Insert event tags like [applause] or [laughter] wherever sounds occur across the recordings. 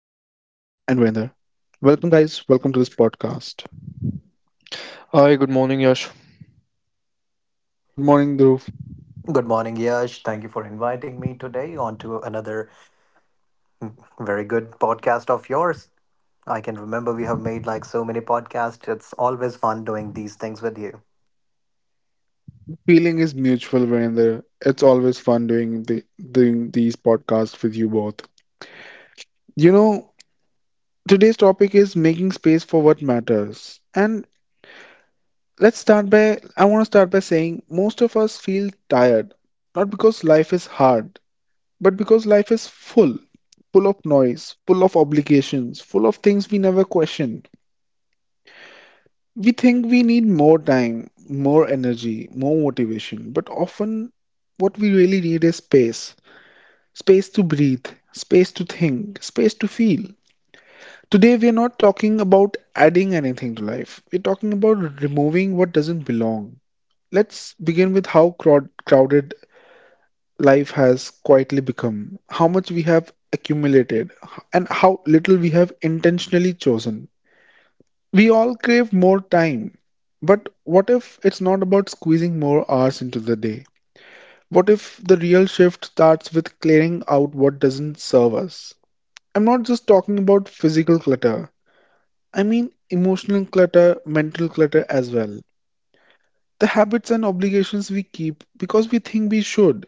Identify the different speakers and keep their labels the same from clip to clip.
Speaker 1: Virender. Welcome, guys. Welcome to this podcast.
Speaker 2: Hi, good morning, Yash.
Speaker 1: Good morning, Dhruv.
Speaker 3: Good morning, Yash. Thank you for inviting me today onto another very good podcast of yours. I can remember we have made so many podcasts. It's always fun doing these things with you.
Speaker 1: Feeling is mutual, Virender. It's always fun doing these podcasts with you both. You know, today's topic is making space for what matters. And Let's start by I want to start by saying most of us feel tired, not because life is hard, but because life is full, full of noise, full of obligations, full of things we never question. We think we need more time, more energy, more motivation, but often what we really need is space. Space to breathe, space to think, space to feel. Today we are not talking about adding anything to life. We're talking about removing what doesn't belong. Let's begin with how crowded life has quietly become, how much we have accumulated, and how little we have intentionally chosen. We all crave more time, but what if it's not about squeezing more hours into the day? What if the real shift starts with clearing out what doesn't serve us? I'm not just talking about physical clutter, I mean emotional clutter, mental clutter as well. The habits and obligations we keep because we think we should.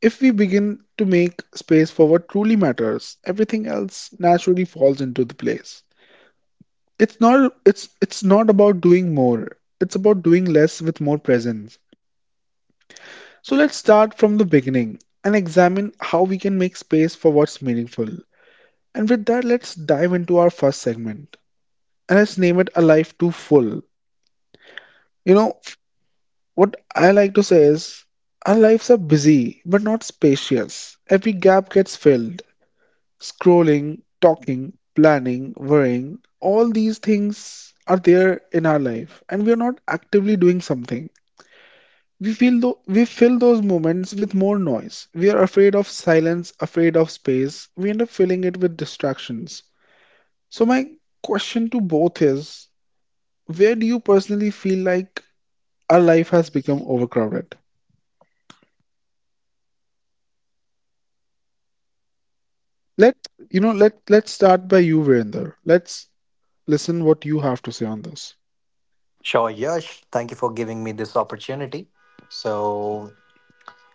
Speaker 1: If we begin to make space for what truly matters, everything else naturally falls into the place. It's not about doing more. It's about doing less with more presence. So let's start from the beginning and examine how we can make space for what's meaningful. And with that, let's dive into our first segment. And let's name it A Life Too Full. You know, what I like to say is our lives are busy but not spacious. Every gap gets filled. Scrolling, talking, planning, worrying, all these things are there in our life and we are not actively doing something. We feel though we fill those moments with more noise. We are afraid of silence, afraid of space. We end up filling it with distractions. So my question to both is where do you personally feel like our life has become overcrowded? Let let's start by you, Virender. Let's listen what you have to say on this.
Speaker 3: Sure, Yash. Thank you for giving me this opportunity. So,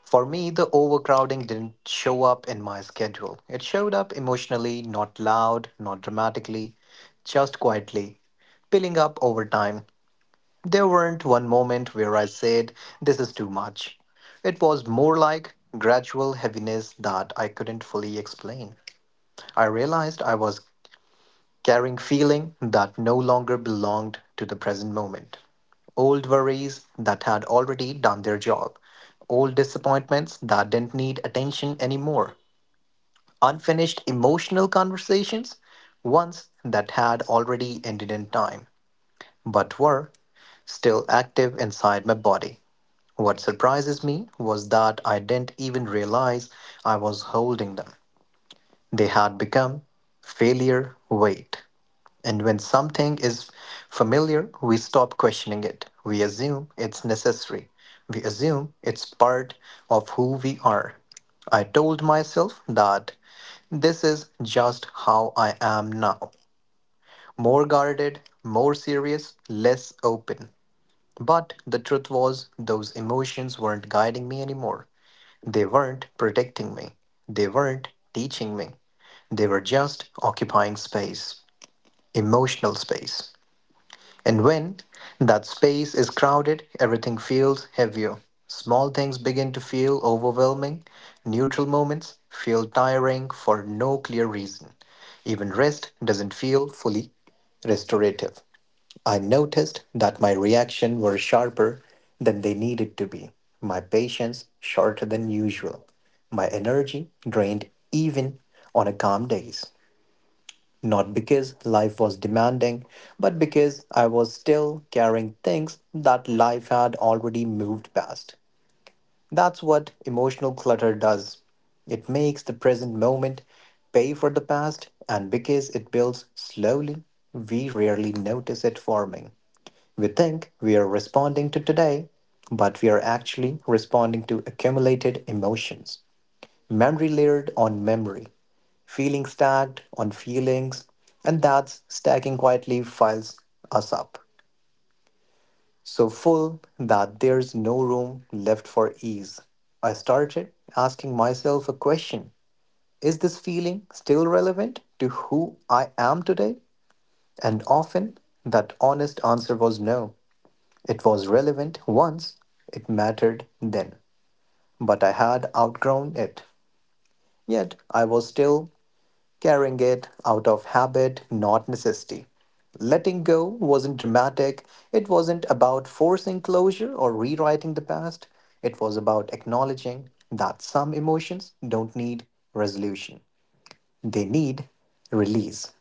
Speaker 3: for me, the overcrowding didn't show up in my schedule. It showed up emotionally, not loud, not dramatically, just quietly, piling up over time. There weren't one moment where I said, this is too much. It was more like gradual heaviness that I couldn't fully explain. I realized I was carrying feeling that no longer belonged to the present moment. Old worries that had already done their job. Old disappointments that didn't need attention anymore. Unfinished emotional conversations, ones that had already ended in time, but were still active inside my body. What surprises me was that I didn't even realize I was holding them. They had become failure weight. And when something is familiar, we stop questioning it. We assume it's necessary. We assume it's part of who we are. I told myself that this is just how I am now, more guarded, more serious, less open. But the truth was, those emotions weren't guiding me anymore. They weren't protecting me. They weren't teaching me. They were just occupying space, emotional space. And when that space is crowded, everything feels heavier. Small things begin to feel overwhelming. Neutral moments feel tiring for no clear reason. Even rest doesn't feel fully restorative. I noticed that my reactions were sharper than they needed to be, my patience shorter than usual, my energy drained even on a calm days. Not because life was demanding, but because I was still carrying things that life had already moved past. That's what emotional clutter does. It makes the present moment pay for the past, and because it builds slowly, we rarely notice it forming. We think we are responding to today, but we are actually responding to accumulated emotions. Memory layered on memory, feeling stacked on feelings, and that's stacking quietly files us up. So full that there's no room left for ease. I started asking myself a question. Is this feeling still relevant to who I am today? And often that honest answer was no. It was relevant once, it mattered then, but I had outgrown it. Yet I was still carrying it out of habit, not necessity. Letting go wasn't dramatic, it wasn't about forcing closure or rewriting the past, it was about acknowledging that some emotions don't need resolution, they need release.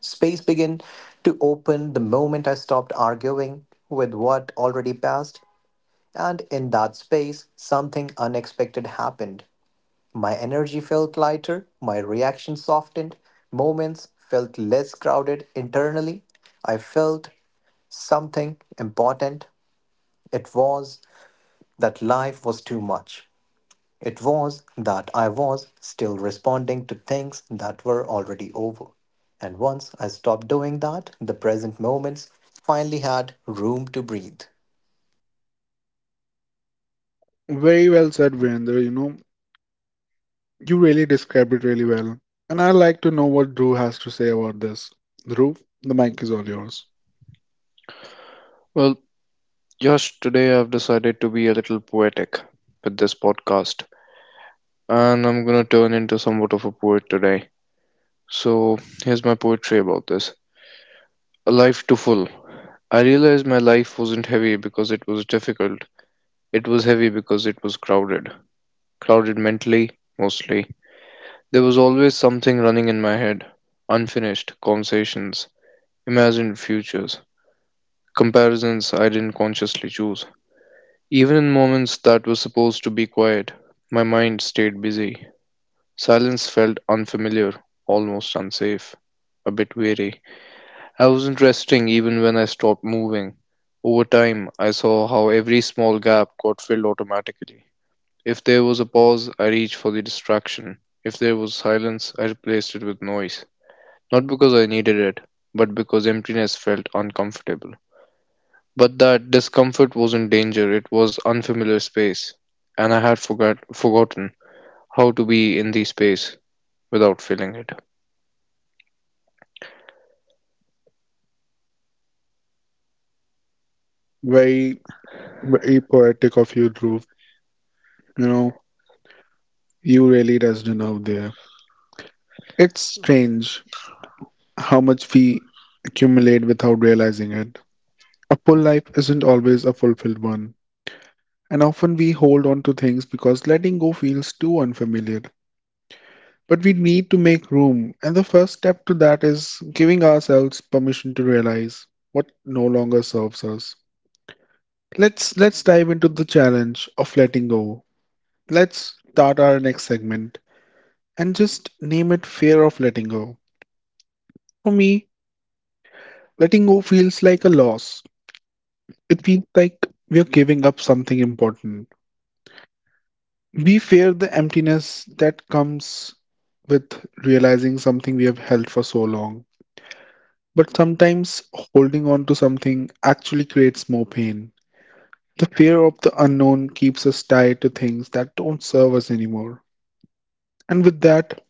Speaker 3: Space began to open the moment I stopped arguing with what already passed. And in that space, something unexpected happened. My energy felt lighter, my reaction softened, moments felt less crowded internally. I felt something important. It was that life was too much. It was that I was still responding to things that were already over. And once I stopped doing that, the present moments finally had room to breathe.
Speaker 1: Very well said, Virender. You know, you really described it really well. And I'd like to know what Dhruv has to say about this. Dhruv, the mic is all yours.
Speaker 2: Well, Yash, today I've decided to be a little poetic with this podcast, and I'm gonna turn into somewhat of a poet today. So, here's my poetry about this. A life too full. I realized my life wasn't heavy because it was difficult, it was heavy because it was crowded. Crowded mentally, mostly. There was always something running in my head, unfinished conversations, imagined futures, comparisons I didn't consciously choose. Even in moments that were supposed to be quiet, my mind stayed busy. Silence felt unfamiliar, almost unsafe, a bit weary. I wasn't resting even when I stopped moving. Over time, I saw how every small gap got filled automatically. If there was a pause, I reached for the distraction. If there was silence, I replaced it with noise. Not because I needed it, but because emptiness felt uncomfortable. But that discomfort wasn't danger, it was unfamiliar space, and I had forgotten how to be in the space without feeling it.
Speaker 1: Very, very poetic of you, Dhruv. You know, you really does it out there. It's strange how much we accumulate without realizing it. A full life isn't always a fulfilled one. And often we hold on to things because letting go feels too unfamiliar. But we need to make room, and the first step to that is giving ourselves permission to realize what no longer serves us. Let's dive into the challenge of letting go. Let's start our next segment and just name it fear of letting go. For me, letting go feels like a loss. It feels like we're giving up something important. We fear the emptiness that comes with realizing something we have held for so long. But sometimes holding on to something actually creates more pain. The fear of the unknown keeps us tied to things that don't serve us anymore. And with that,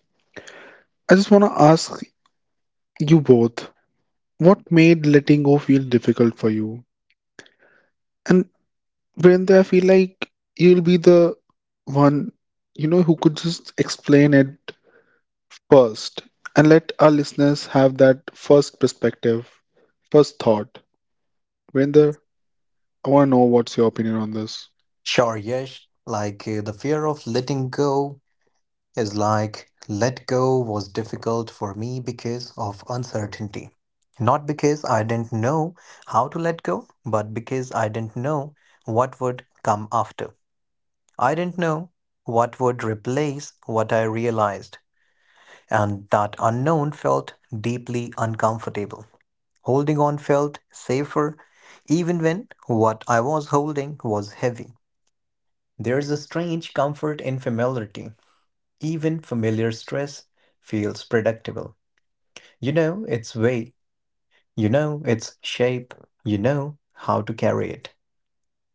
Speaker 1: I just want to ask you both what made letting go feel difficult for you? And when I feel like you'll be the one, you know, who could just explain it first and let our listeners have that first perspective, first thought. When I want to know what's your opinion on this.
Speaker 3: Sure, Yash. The fear of letting go is like let go was difficult for me because of uncertainty. Not because I didn't know how to let go, but because I didn't know what would come after. I didn't know what would replace what I realized, and that unknown felt deeply uncomfortable. Holding on felt safer, even when what I was holding was heavy. There's a strange comfort in familiarity. Even familiar stress feels predictable. You know its weight, you know its shape, you know how to carry it.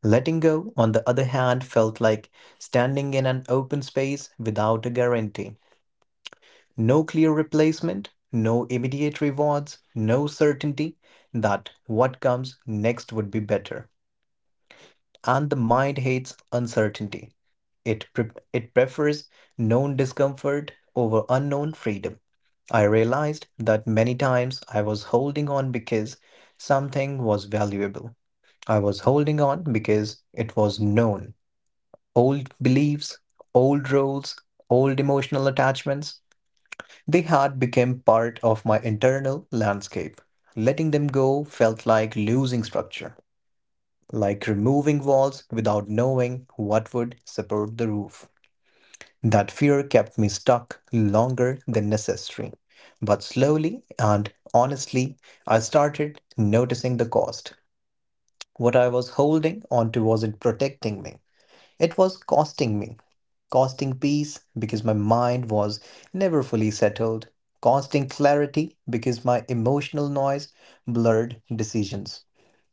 Speaker 3: Letting go, on the other hand, felt like standing in an open space without a guarantee. No clear replacement, no immediate rewards, no certainty that what comes next would be better. And the mind hates uncertainty. It prefers known discomfort over unknown freedom. I realized that many times I was holding on because something was valuable. I was holding on because it was known. Old beliefs, old roles, old emotional attachments, they had become part of my internal landscape. Letting them go felt like losing structure, like removing walls without knowing what would support the roof. That fear kept me stuck longer than necessary. But slowly and honestly, I started noticing the cost. What I was holding onto wasn't protecting me, it was costing me. Costing peace because my mind was never fully settled, costing clarity because my emotional noise blurred decisions.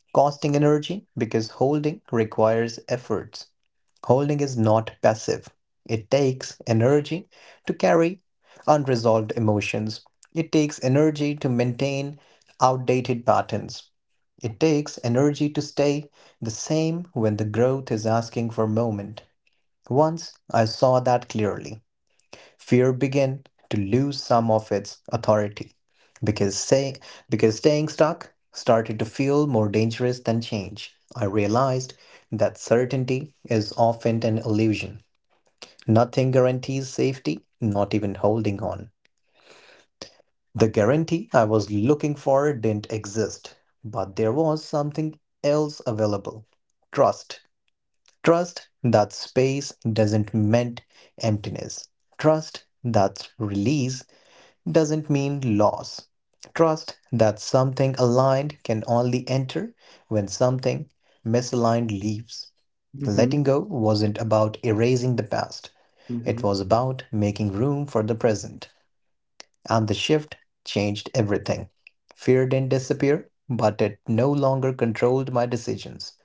Speaker 3: Costing energy because holding requires efforts. Holding is not passive. It takes energy to carry unresolved emotions. It takes energy to maintain outdated patterns. It takes energy to stay the same when the growth is asking for movement. Once I saw that clearly, fear began to lose some of its authority because say, because staying stuck started to feel more dangerous than change. I realized that certainty is often an illusion. Nothing guarantees safety, not even holding on. The guarantee I was looking for didn't exist, but there was something else available. Trust. Trust that space doesn't mean emptiness. Trust that release doesn't mean loss. Trust that something aligned can only enter when something misaligned leaves. Letting go wasn't about erasing the past, it
Speaker 1: hmm
Speaker 3: was about making room for the present. And the shift changed everything. Fear didn't disappear, but it no longer controlled my decisions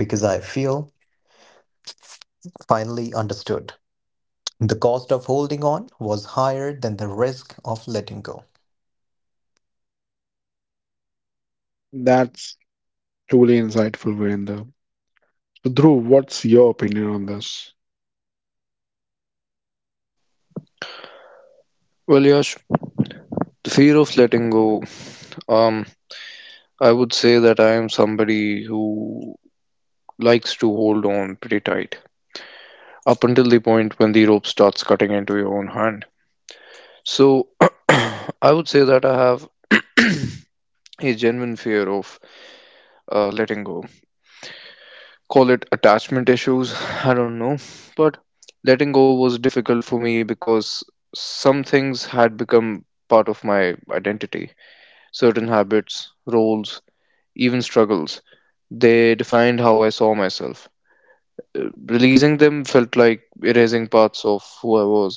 Speaker 3: because I feel finally understood. The cost of holding on was higher than the risk of letting go.
Speaker 1: That's truly insightful, Virendra. So, Dhruv, what's your opinion on this?
Speaker 2: Well, Yash, the fear of letting go, um, I would say that I am somebody who likes to hold on pretty tight up until the point when the rope starts cutting into your own hand. So, [clears throat] I would say that I have [clears throat] a genuine fear of letting go, call it attachment issues, I don't know, but letting go was difficult for me because some things had become part of my identity, certain habits, roles, even struggles, they defined how I saw myself. Uh, Releasing them felt like erasing parts of who I was.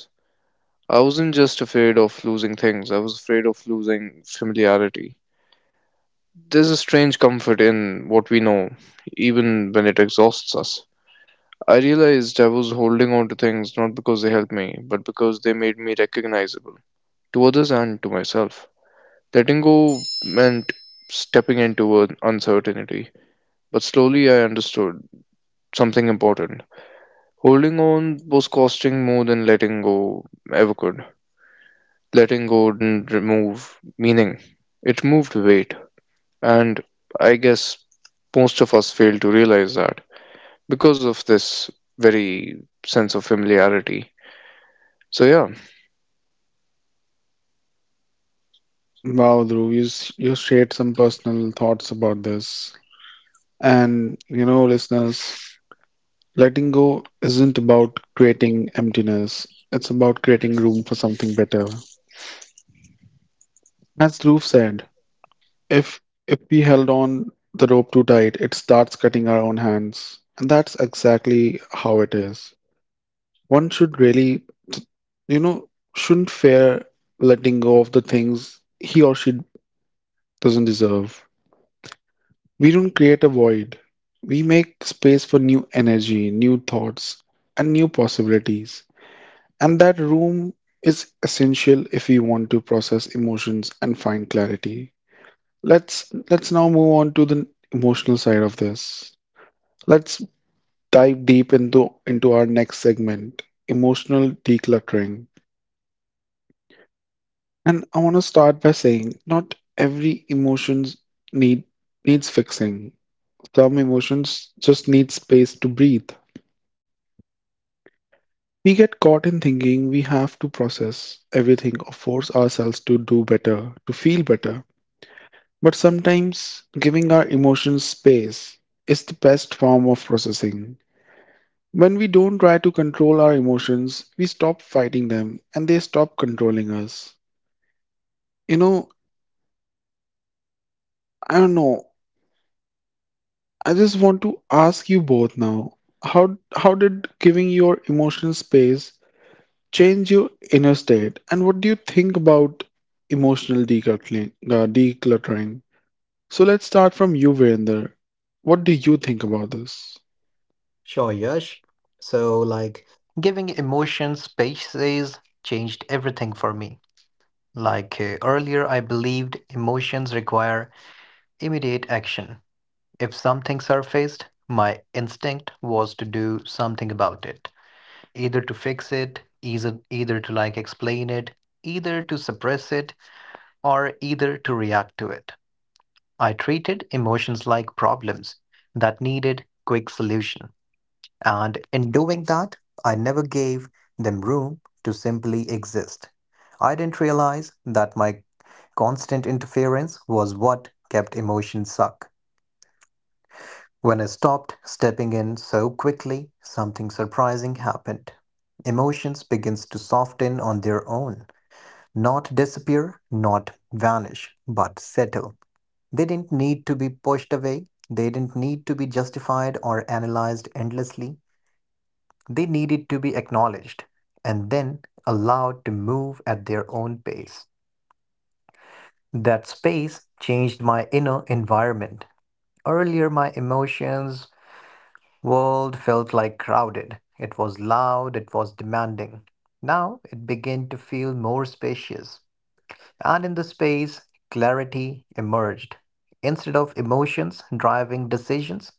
Speaker 2: I wasn't just afraid of losing things, I was afraid of losing familiarity. There's a strange comfort in what we know, even when it exhausts us. I realized I was holding on to things not because they helped me, but because they made me recognizable to others and to myself. Letting go meant stepping into an uncertainty, but slowly I understood something important. Holding on was costing more than letting go ever could. Letting go didn't remove meaning, it moved weight, and I guess most of us fail to realize that because of this very sense of familiarity. So, yeah.
Speaker 1: Wow, Dhruv, you shared some personal thoughts about this. And, you know, listeners, letting go isn't about creating emptiness, it's about creating room for something better. As Dhruv said, if if we held on the rope too tight, it starts cutting our own hands. And that's exactly how it is. One should really, you know, shouldn't fear letting go of the things he or she doesn't deserve. We don't create a void. We make space for new energy, new thoughts, and new possibilities. And that room is essential if we want to process emotions and find clarity. Let's now move on to the emotional side of this. Let's dive deep into our next segment, emotional decluttering. And I want to start by saying not every emotions need needs fixing. Some emotions just need space to breathe. We get caught in thinking we have to process everything or force ourselves to do better, to feel better. But sometimes giving our emotions space is the best form of processing. When we don't try to control our emotions, we stop fighting them and they stop controlling us. You know, I don't know. I just want to ask you both now, how did giving your emotional space change your inner state, and what do you think about emotional decluttering? So let's start from you, Virender. What do you think about this?
Speaker 3: Sure, Yash. So, giving emotion spaces changed everything for me. Earlier, I believed emotions require immediate action. If something surfaced, my instinct was to do something about it, either to fix it, either to explain it, either to suppress it, or either to react to it. I treated emotions like problems that needed quick solution. And in doing that, I never gave them room to simply exist. I didn't realize that my constant interference was what kept emotions suck. When I stopped stepping in so quickly, something surprising happened. Emotions begins to soften on their own, not disappear, not vanish, but settle. They didn't need to be pushed away, they didn't need to be justified or analyzed endlessly. They needed to be acknowledged and then allowed to move at their own pace. That space changed my inner environment. Earlier, my emotions world felt like crowded. It was loud, it was demanding. Now it began to feel more spacious. And in the space, clarity emerged. Instead of emotions driving decisions,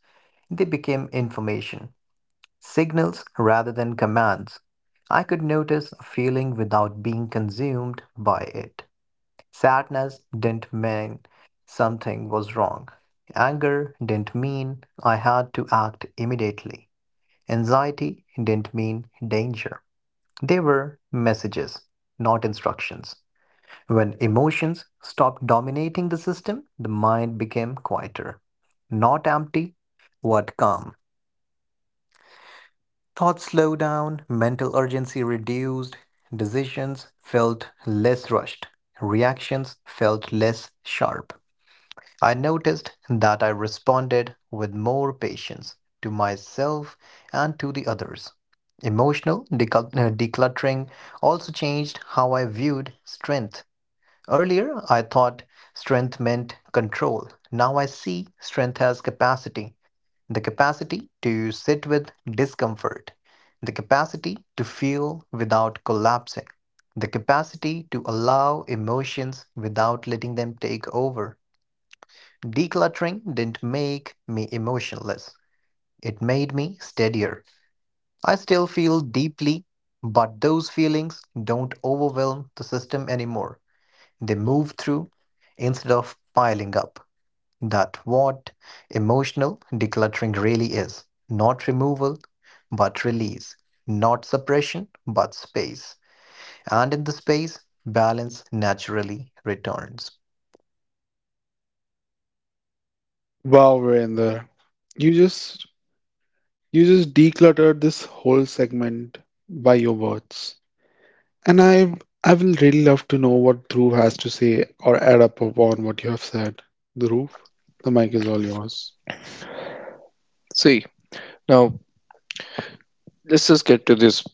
Speaker 3: they became information, signals rather than commands. I could notice a feeling without being consumed by it. Sadness didn't mean something was wrong. Anger didn't mean I had to act immediately. Anxiety didn't mean danger. They were messages, not instructions. When emotions stopped dominating the system, the mind became quieter. Not empty, but calm. Thoughts slowed down, mental urgency reduced, decisions felt less rushed, reactions felt less sharp. I noticed that I responded with more patience to myself and to the others. Emotional decluttering also changed how I viewed strength. Earlier, I thought strength meant control. Now I see strength as capacity, the capacity to sit with discomfort, the capacity to feel without collapsing, the capacity to allow emotions without letting them take over. Decluttering didn't make me emotionless, it made me steadier. I still feel deeply, but those feelings don't overwhelm the system anymore, they move through instead of piling up. That what emotional decluttering really is. Not removal, but release. Not suppression, but space. And in the space, balance naturally returns.
Speaker 1: Wow, Virender, you just you just decluttered this whole segment by your words, and I will really love to know what Dhruv has to say or add up upon what you have said. Dhruv, the mic is all yours.
Speaker 2: See, now let's just get to this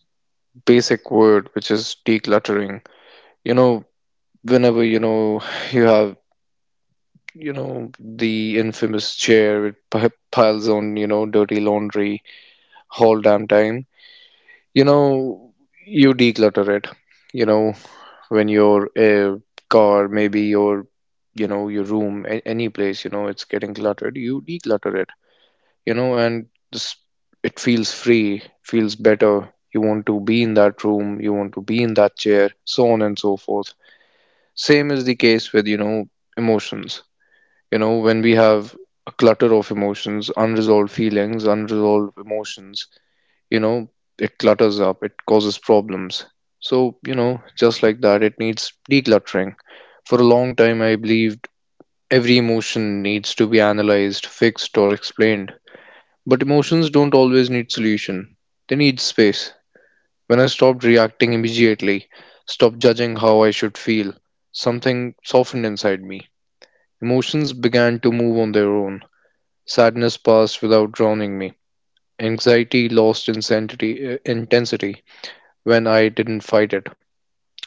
Speaker 2: basic word, which is decluttering. You know, whenever you know you have you know the infamous chair, it piles on, you know, dirty laundry whole damn time, you know, you declutter it. You know, when your car, maybe your, you know, your room, any place, you know, it's getting cluttered, you declutter it, you know. And this, it feels free, feels better. You want to be in that room, you want to be in that chair, so on and so forth. Same is the case with, you know, emotions. You know, when we have a clutter of emotions, unresolved feelings, unresolved emotions, you know, it clutters up, it causes problems. So, you know, just like that, it needs decluttering. For a long time I believed every emotion needs to be analyzed, fixed, or explained, but emotions don't always need solution. They need space. When I stopped reacting immediately, stopped judging how I should feel, something softened inside me. Emotions began to move on their own. Sadness passed without drowning me. Anxiety lost intensity when I didn't fight it.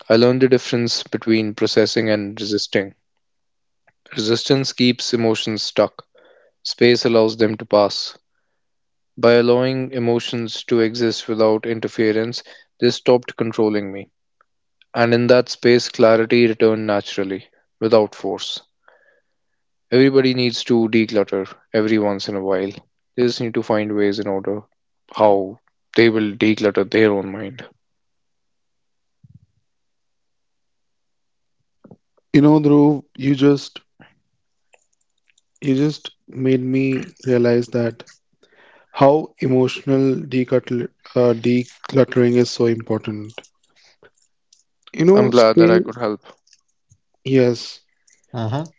Speaker 2: I learned the difference between processing and resisting. Resistance keeps emotions stuck. Space allows them to pass. By allowing emotions to exist without interference, they stopped controlling me. And in that space, clarity returned naturally, without force. Everybody needs to declutter every once in a while. They just need to find ways in order how they will declutter their own mind.
Speaker 1: You know, Dhruv, you just made me realize that how emotional decluttering is so important. You
Speaker 2: I'm
Speaker 1: know,
Speaker 2: glad that I
Speaker 1: space,
Speaker 2: could help.
Speaker 1: yes,
Speaker 3: Mm-hmm.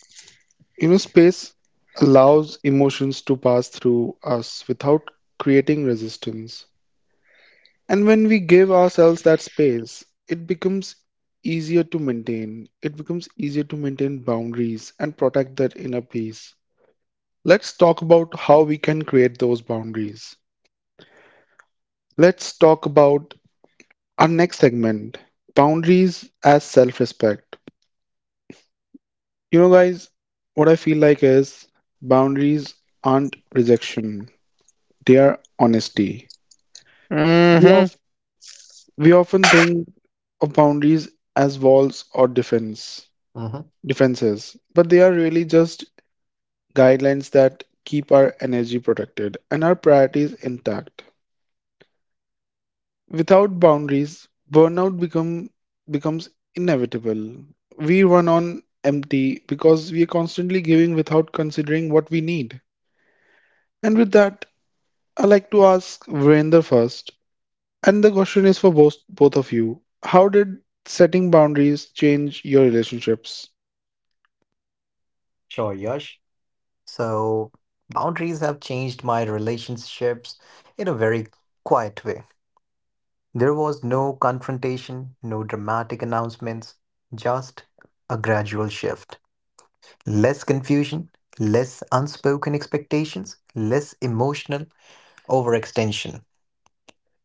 Speaker 1: you know, space allows emotions to pass through us without creating resistance. And when we give ourselves that space, it becomes easier to maintain. It becomes easier to maintain boundaries and protect that inner peace. Let's talk about how we can create those boundaries. Let's talk about our next segment boundaries as self respect. You know, guys, what I feel like is boundaries aren't rejection, they are honesty. We,
Speaker 2: Mm-hmm.
Speaker 1: of, we often think of boundaries as walls or
Speaker 3: Mm-hmm.
Speaker 1: defenses, but they are really just guidelines that keep our energy protected and our priorities intact. Without boundaries, burnout become becomes inevitable. We run on empty because we are constantly giving without considering what we need. And with that, I like to ask Virender first. And the question is for both of you. How did setting boundaries change your relationships?
Speaker 3: Sure, Yash. So boundaries have changed my relationships in a very quiet way. There was no confrontation, no dramatic announcements, just a gradual shift. Less confusion, less unspoken expectations, less emotional overextension.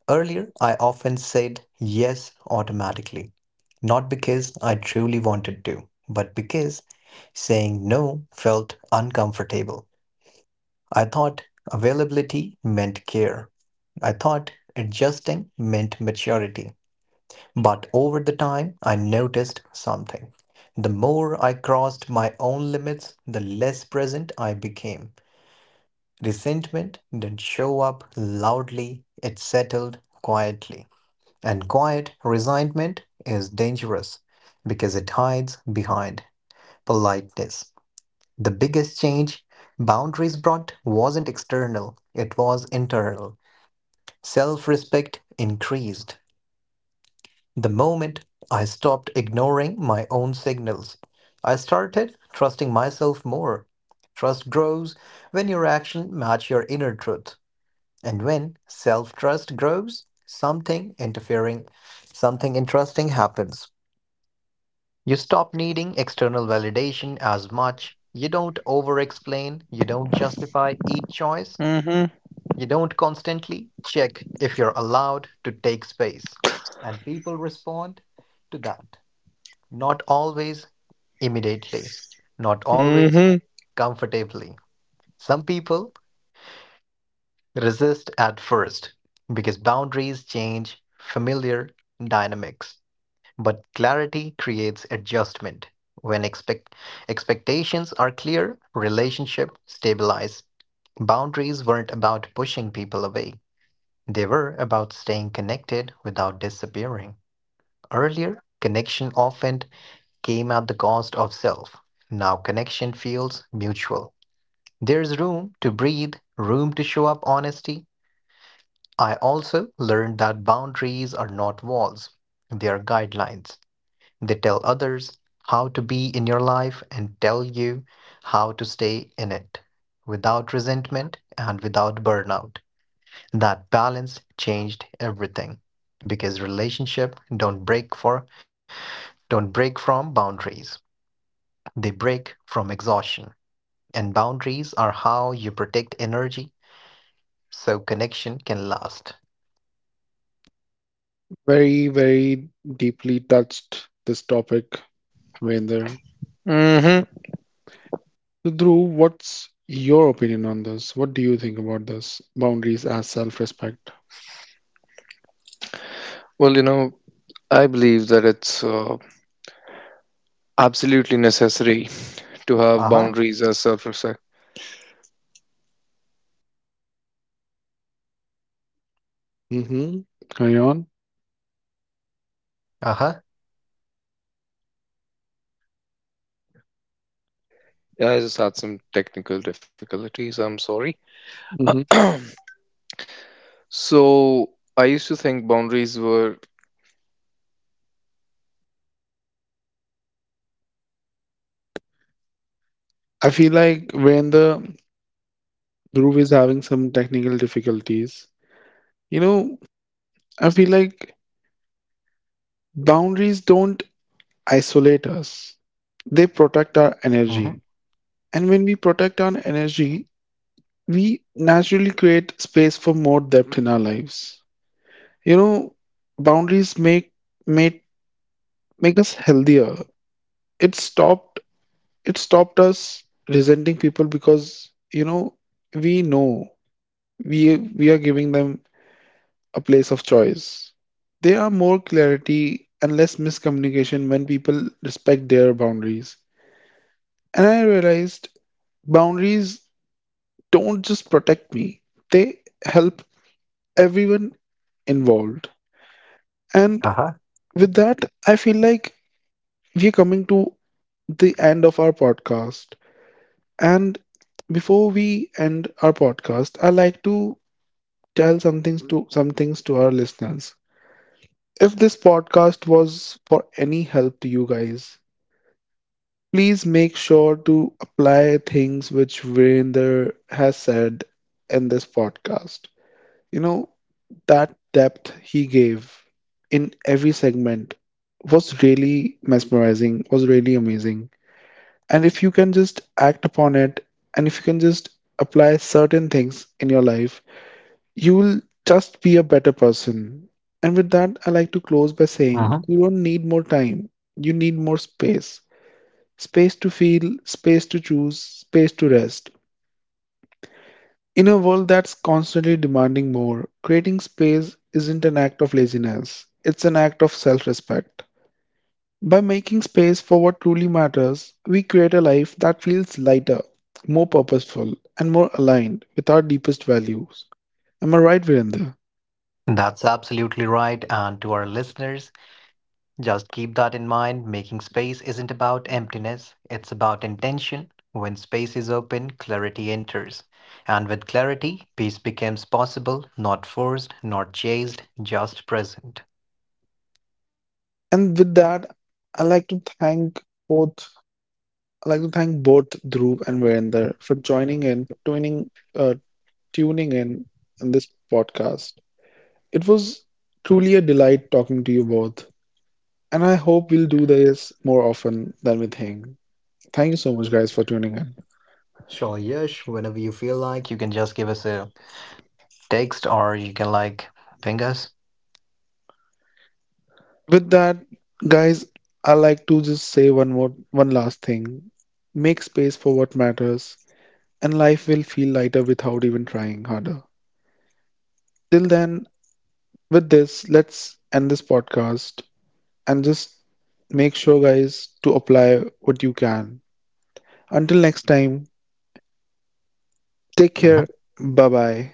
Speaker 3: Earlier, I often said yes automatically, not because I truly wanted to, but because saying no felt uncomfortable. I thought availability meant care. I thought adjusting meant maturity. But over the time, I noticed something. The more I crossed my own limits, the less present I became. Resentment didn't show up loudly, it settled quietly. And quiet resentment is dangerous because it hides behind politeness. The biggest change boundaries brought wasn't external, it was internal. Self respect increased. The moment I stopped ignoring my own signals, I started trusting myself more. Trust grows when your action match your inner truth. And when self-trust grows, something interesting happens. You stop needing external validation as much. You don't over-explain. You don't justify each choice.
Speaker 2: Mm-hmm.
Speaker 3: You don't constantly check if you're allowed to take space. And people respond to that. Not always immediately, not always
Speaker 2: Mm-hmm.
Speaker 3: comfortably. Some people resist at first because boundaries change familiar dynamics, but clarity creates adjustment. When expectations are clear, relationship stabilize. Boundaries weren't about pushing people away. They were about staying connected without disappearing. Earlier, connection often came at the cost of self. Now connection feels mutual. There's room to breathe, room to show up honesty. I also learned that boundaries are not walls, they are guidelines. They tell others how to be in your life and tell you how to stay in it without resentment and without burnout. That balance changed everything because relationships don't break from boundaries. They break from exhaustion. And boundaries are how you protect energy so connection can last.
Speaker 1: Very, very deeply touched this topic, Virender.
Speaker 2: Mm-hmm.
Speaker 1: So, Dhruv, what's your opinion on this? What do you think about this? Boundaries as self-respect.
Speaker 2: Well, you know, I believe that it's absolutely necessary to have
Speaker 3: Uh-huh.
Speaker 2: boundaries as self.
Speaker 1: Mm-hmm. Carry on.
Speaker 3: Uh-huh.
Speaker 2: Yeah, I just had some technical difficulties. I'm sorry. Uh,
Speaker 1: Mm-hmm.
Speaker 2: So I used to think boundaries were
Speaker 1: I feel like when the Dhruv is having some technical difficulties, you know, I feel like boundaries don't isolate us, they protect our
Speaker 3: Mm-hmm.
Speaker 1: energy. And when we protect our energy, we naturally create space for more depth in our lives. You know, boundaries make make make us healthier. It stopped it stopped us resenting people because, you know, we know we are giving them a place of choice. There are more clarity and less miscommunication when people respect their boundaries. And I realized boundaries don't just protect me, they help everyone involved. And
Speaker 3: Uh-huh.
Speaker 1: with that, I feel like we're coming to the end of our podcast. And before we end our podcast, I like to tell some things to our listeners. If this podcast was for any help to you guys, please make sure to apply things which Virender has said in this podcast. You know, that depth he gave in every segment was really mesmerizing, was really amazing. And if you can just act upon it, and if you can just apply certain things in your life, you will just be a better person. And with that, I like to close by saying
Speaker 3: Mhm.
Speaker 1: you don't need more time, you need more space. Space to feel, space to choose, space to rest. In a world that's constantly demanding more, creating space isn't an act of laziness, it's an act of self respect. By making space for what truly matters, we create a life that feels lighter, more purposeful, and more aligned with our deepest values. Am I right, Virendra?
Speaker 3: That's absolutely right. And to our listeners, just keep that in mind. Making space isn't about emptiness, it's about intention. When space is open, clarity enters. And with clarity, peace becomes possible, not forced, not chased, just present.
Speaker 1: And with that, I'd like to thank both I'd like to thank both Dhruv and Virender for joining in, tuning in this podcast. It was truly a delight talking to you both, and I hope we'll do this more often than we think. Thank you so much, guys, for tuning in.
Speaker 3: Sure, Yash, whenever you feel like, you can just give us a text or you can ping us.
Speaker 1: With that, guys, I like to just say one last thing: make space for what matters, and life will feel lighter without even trying harder. Till then, with this, let's end this podcast. And just make sure, guys, to apply what you can. Until next time, take care. Bye bye.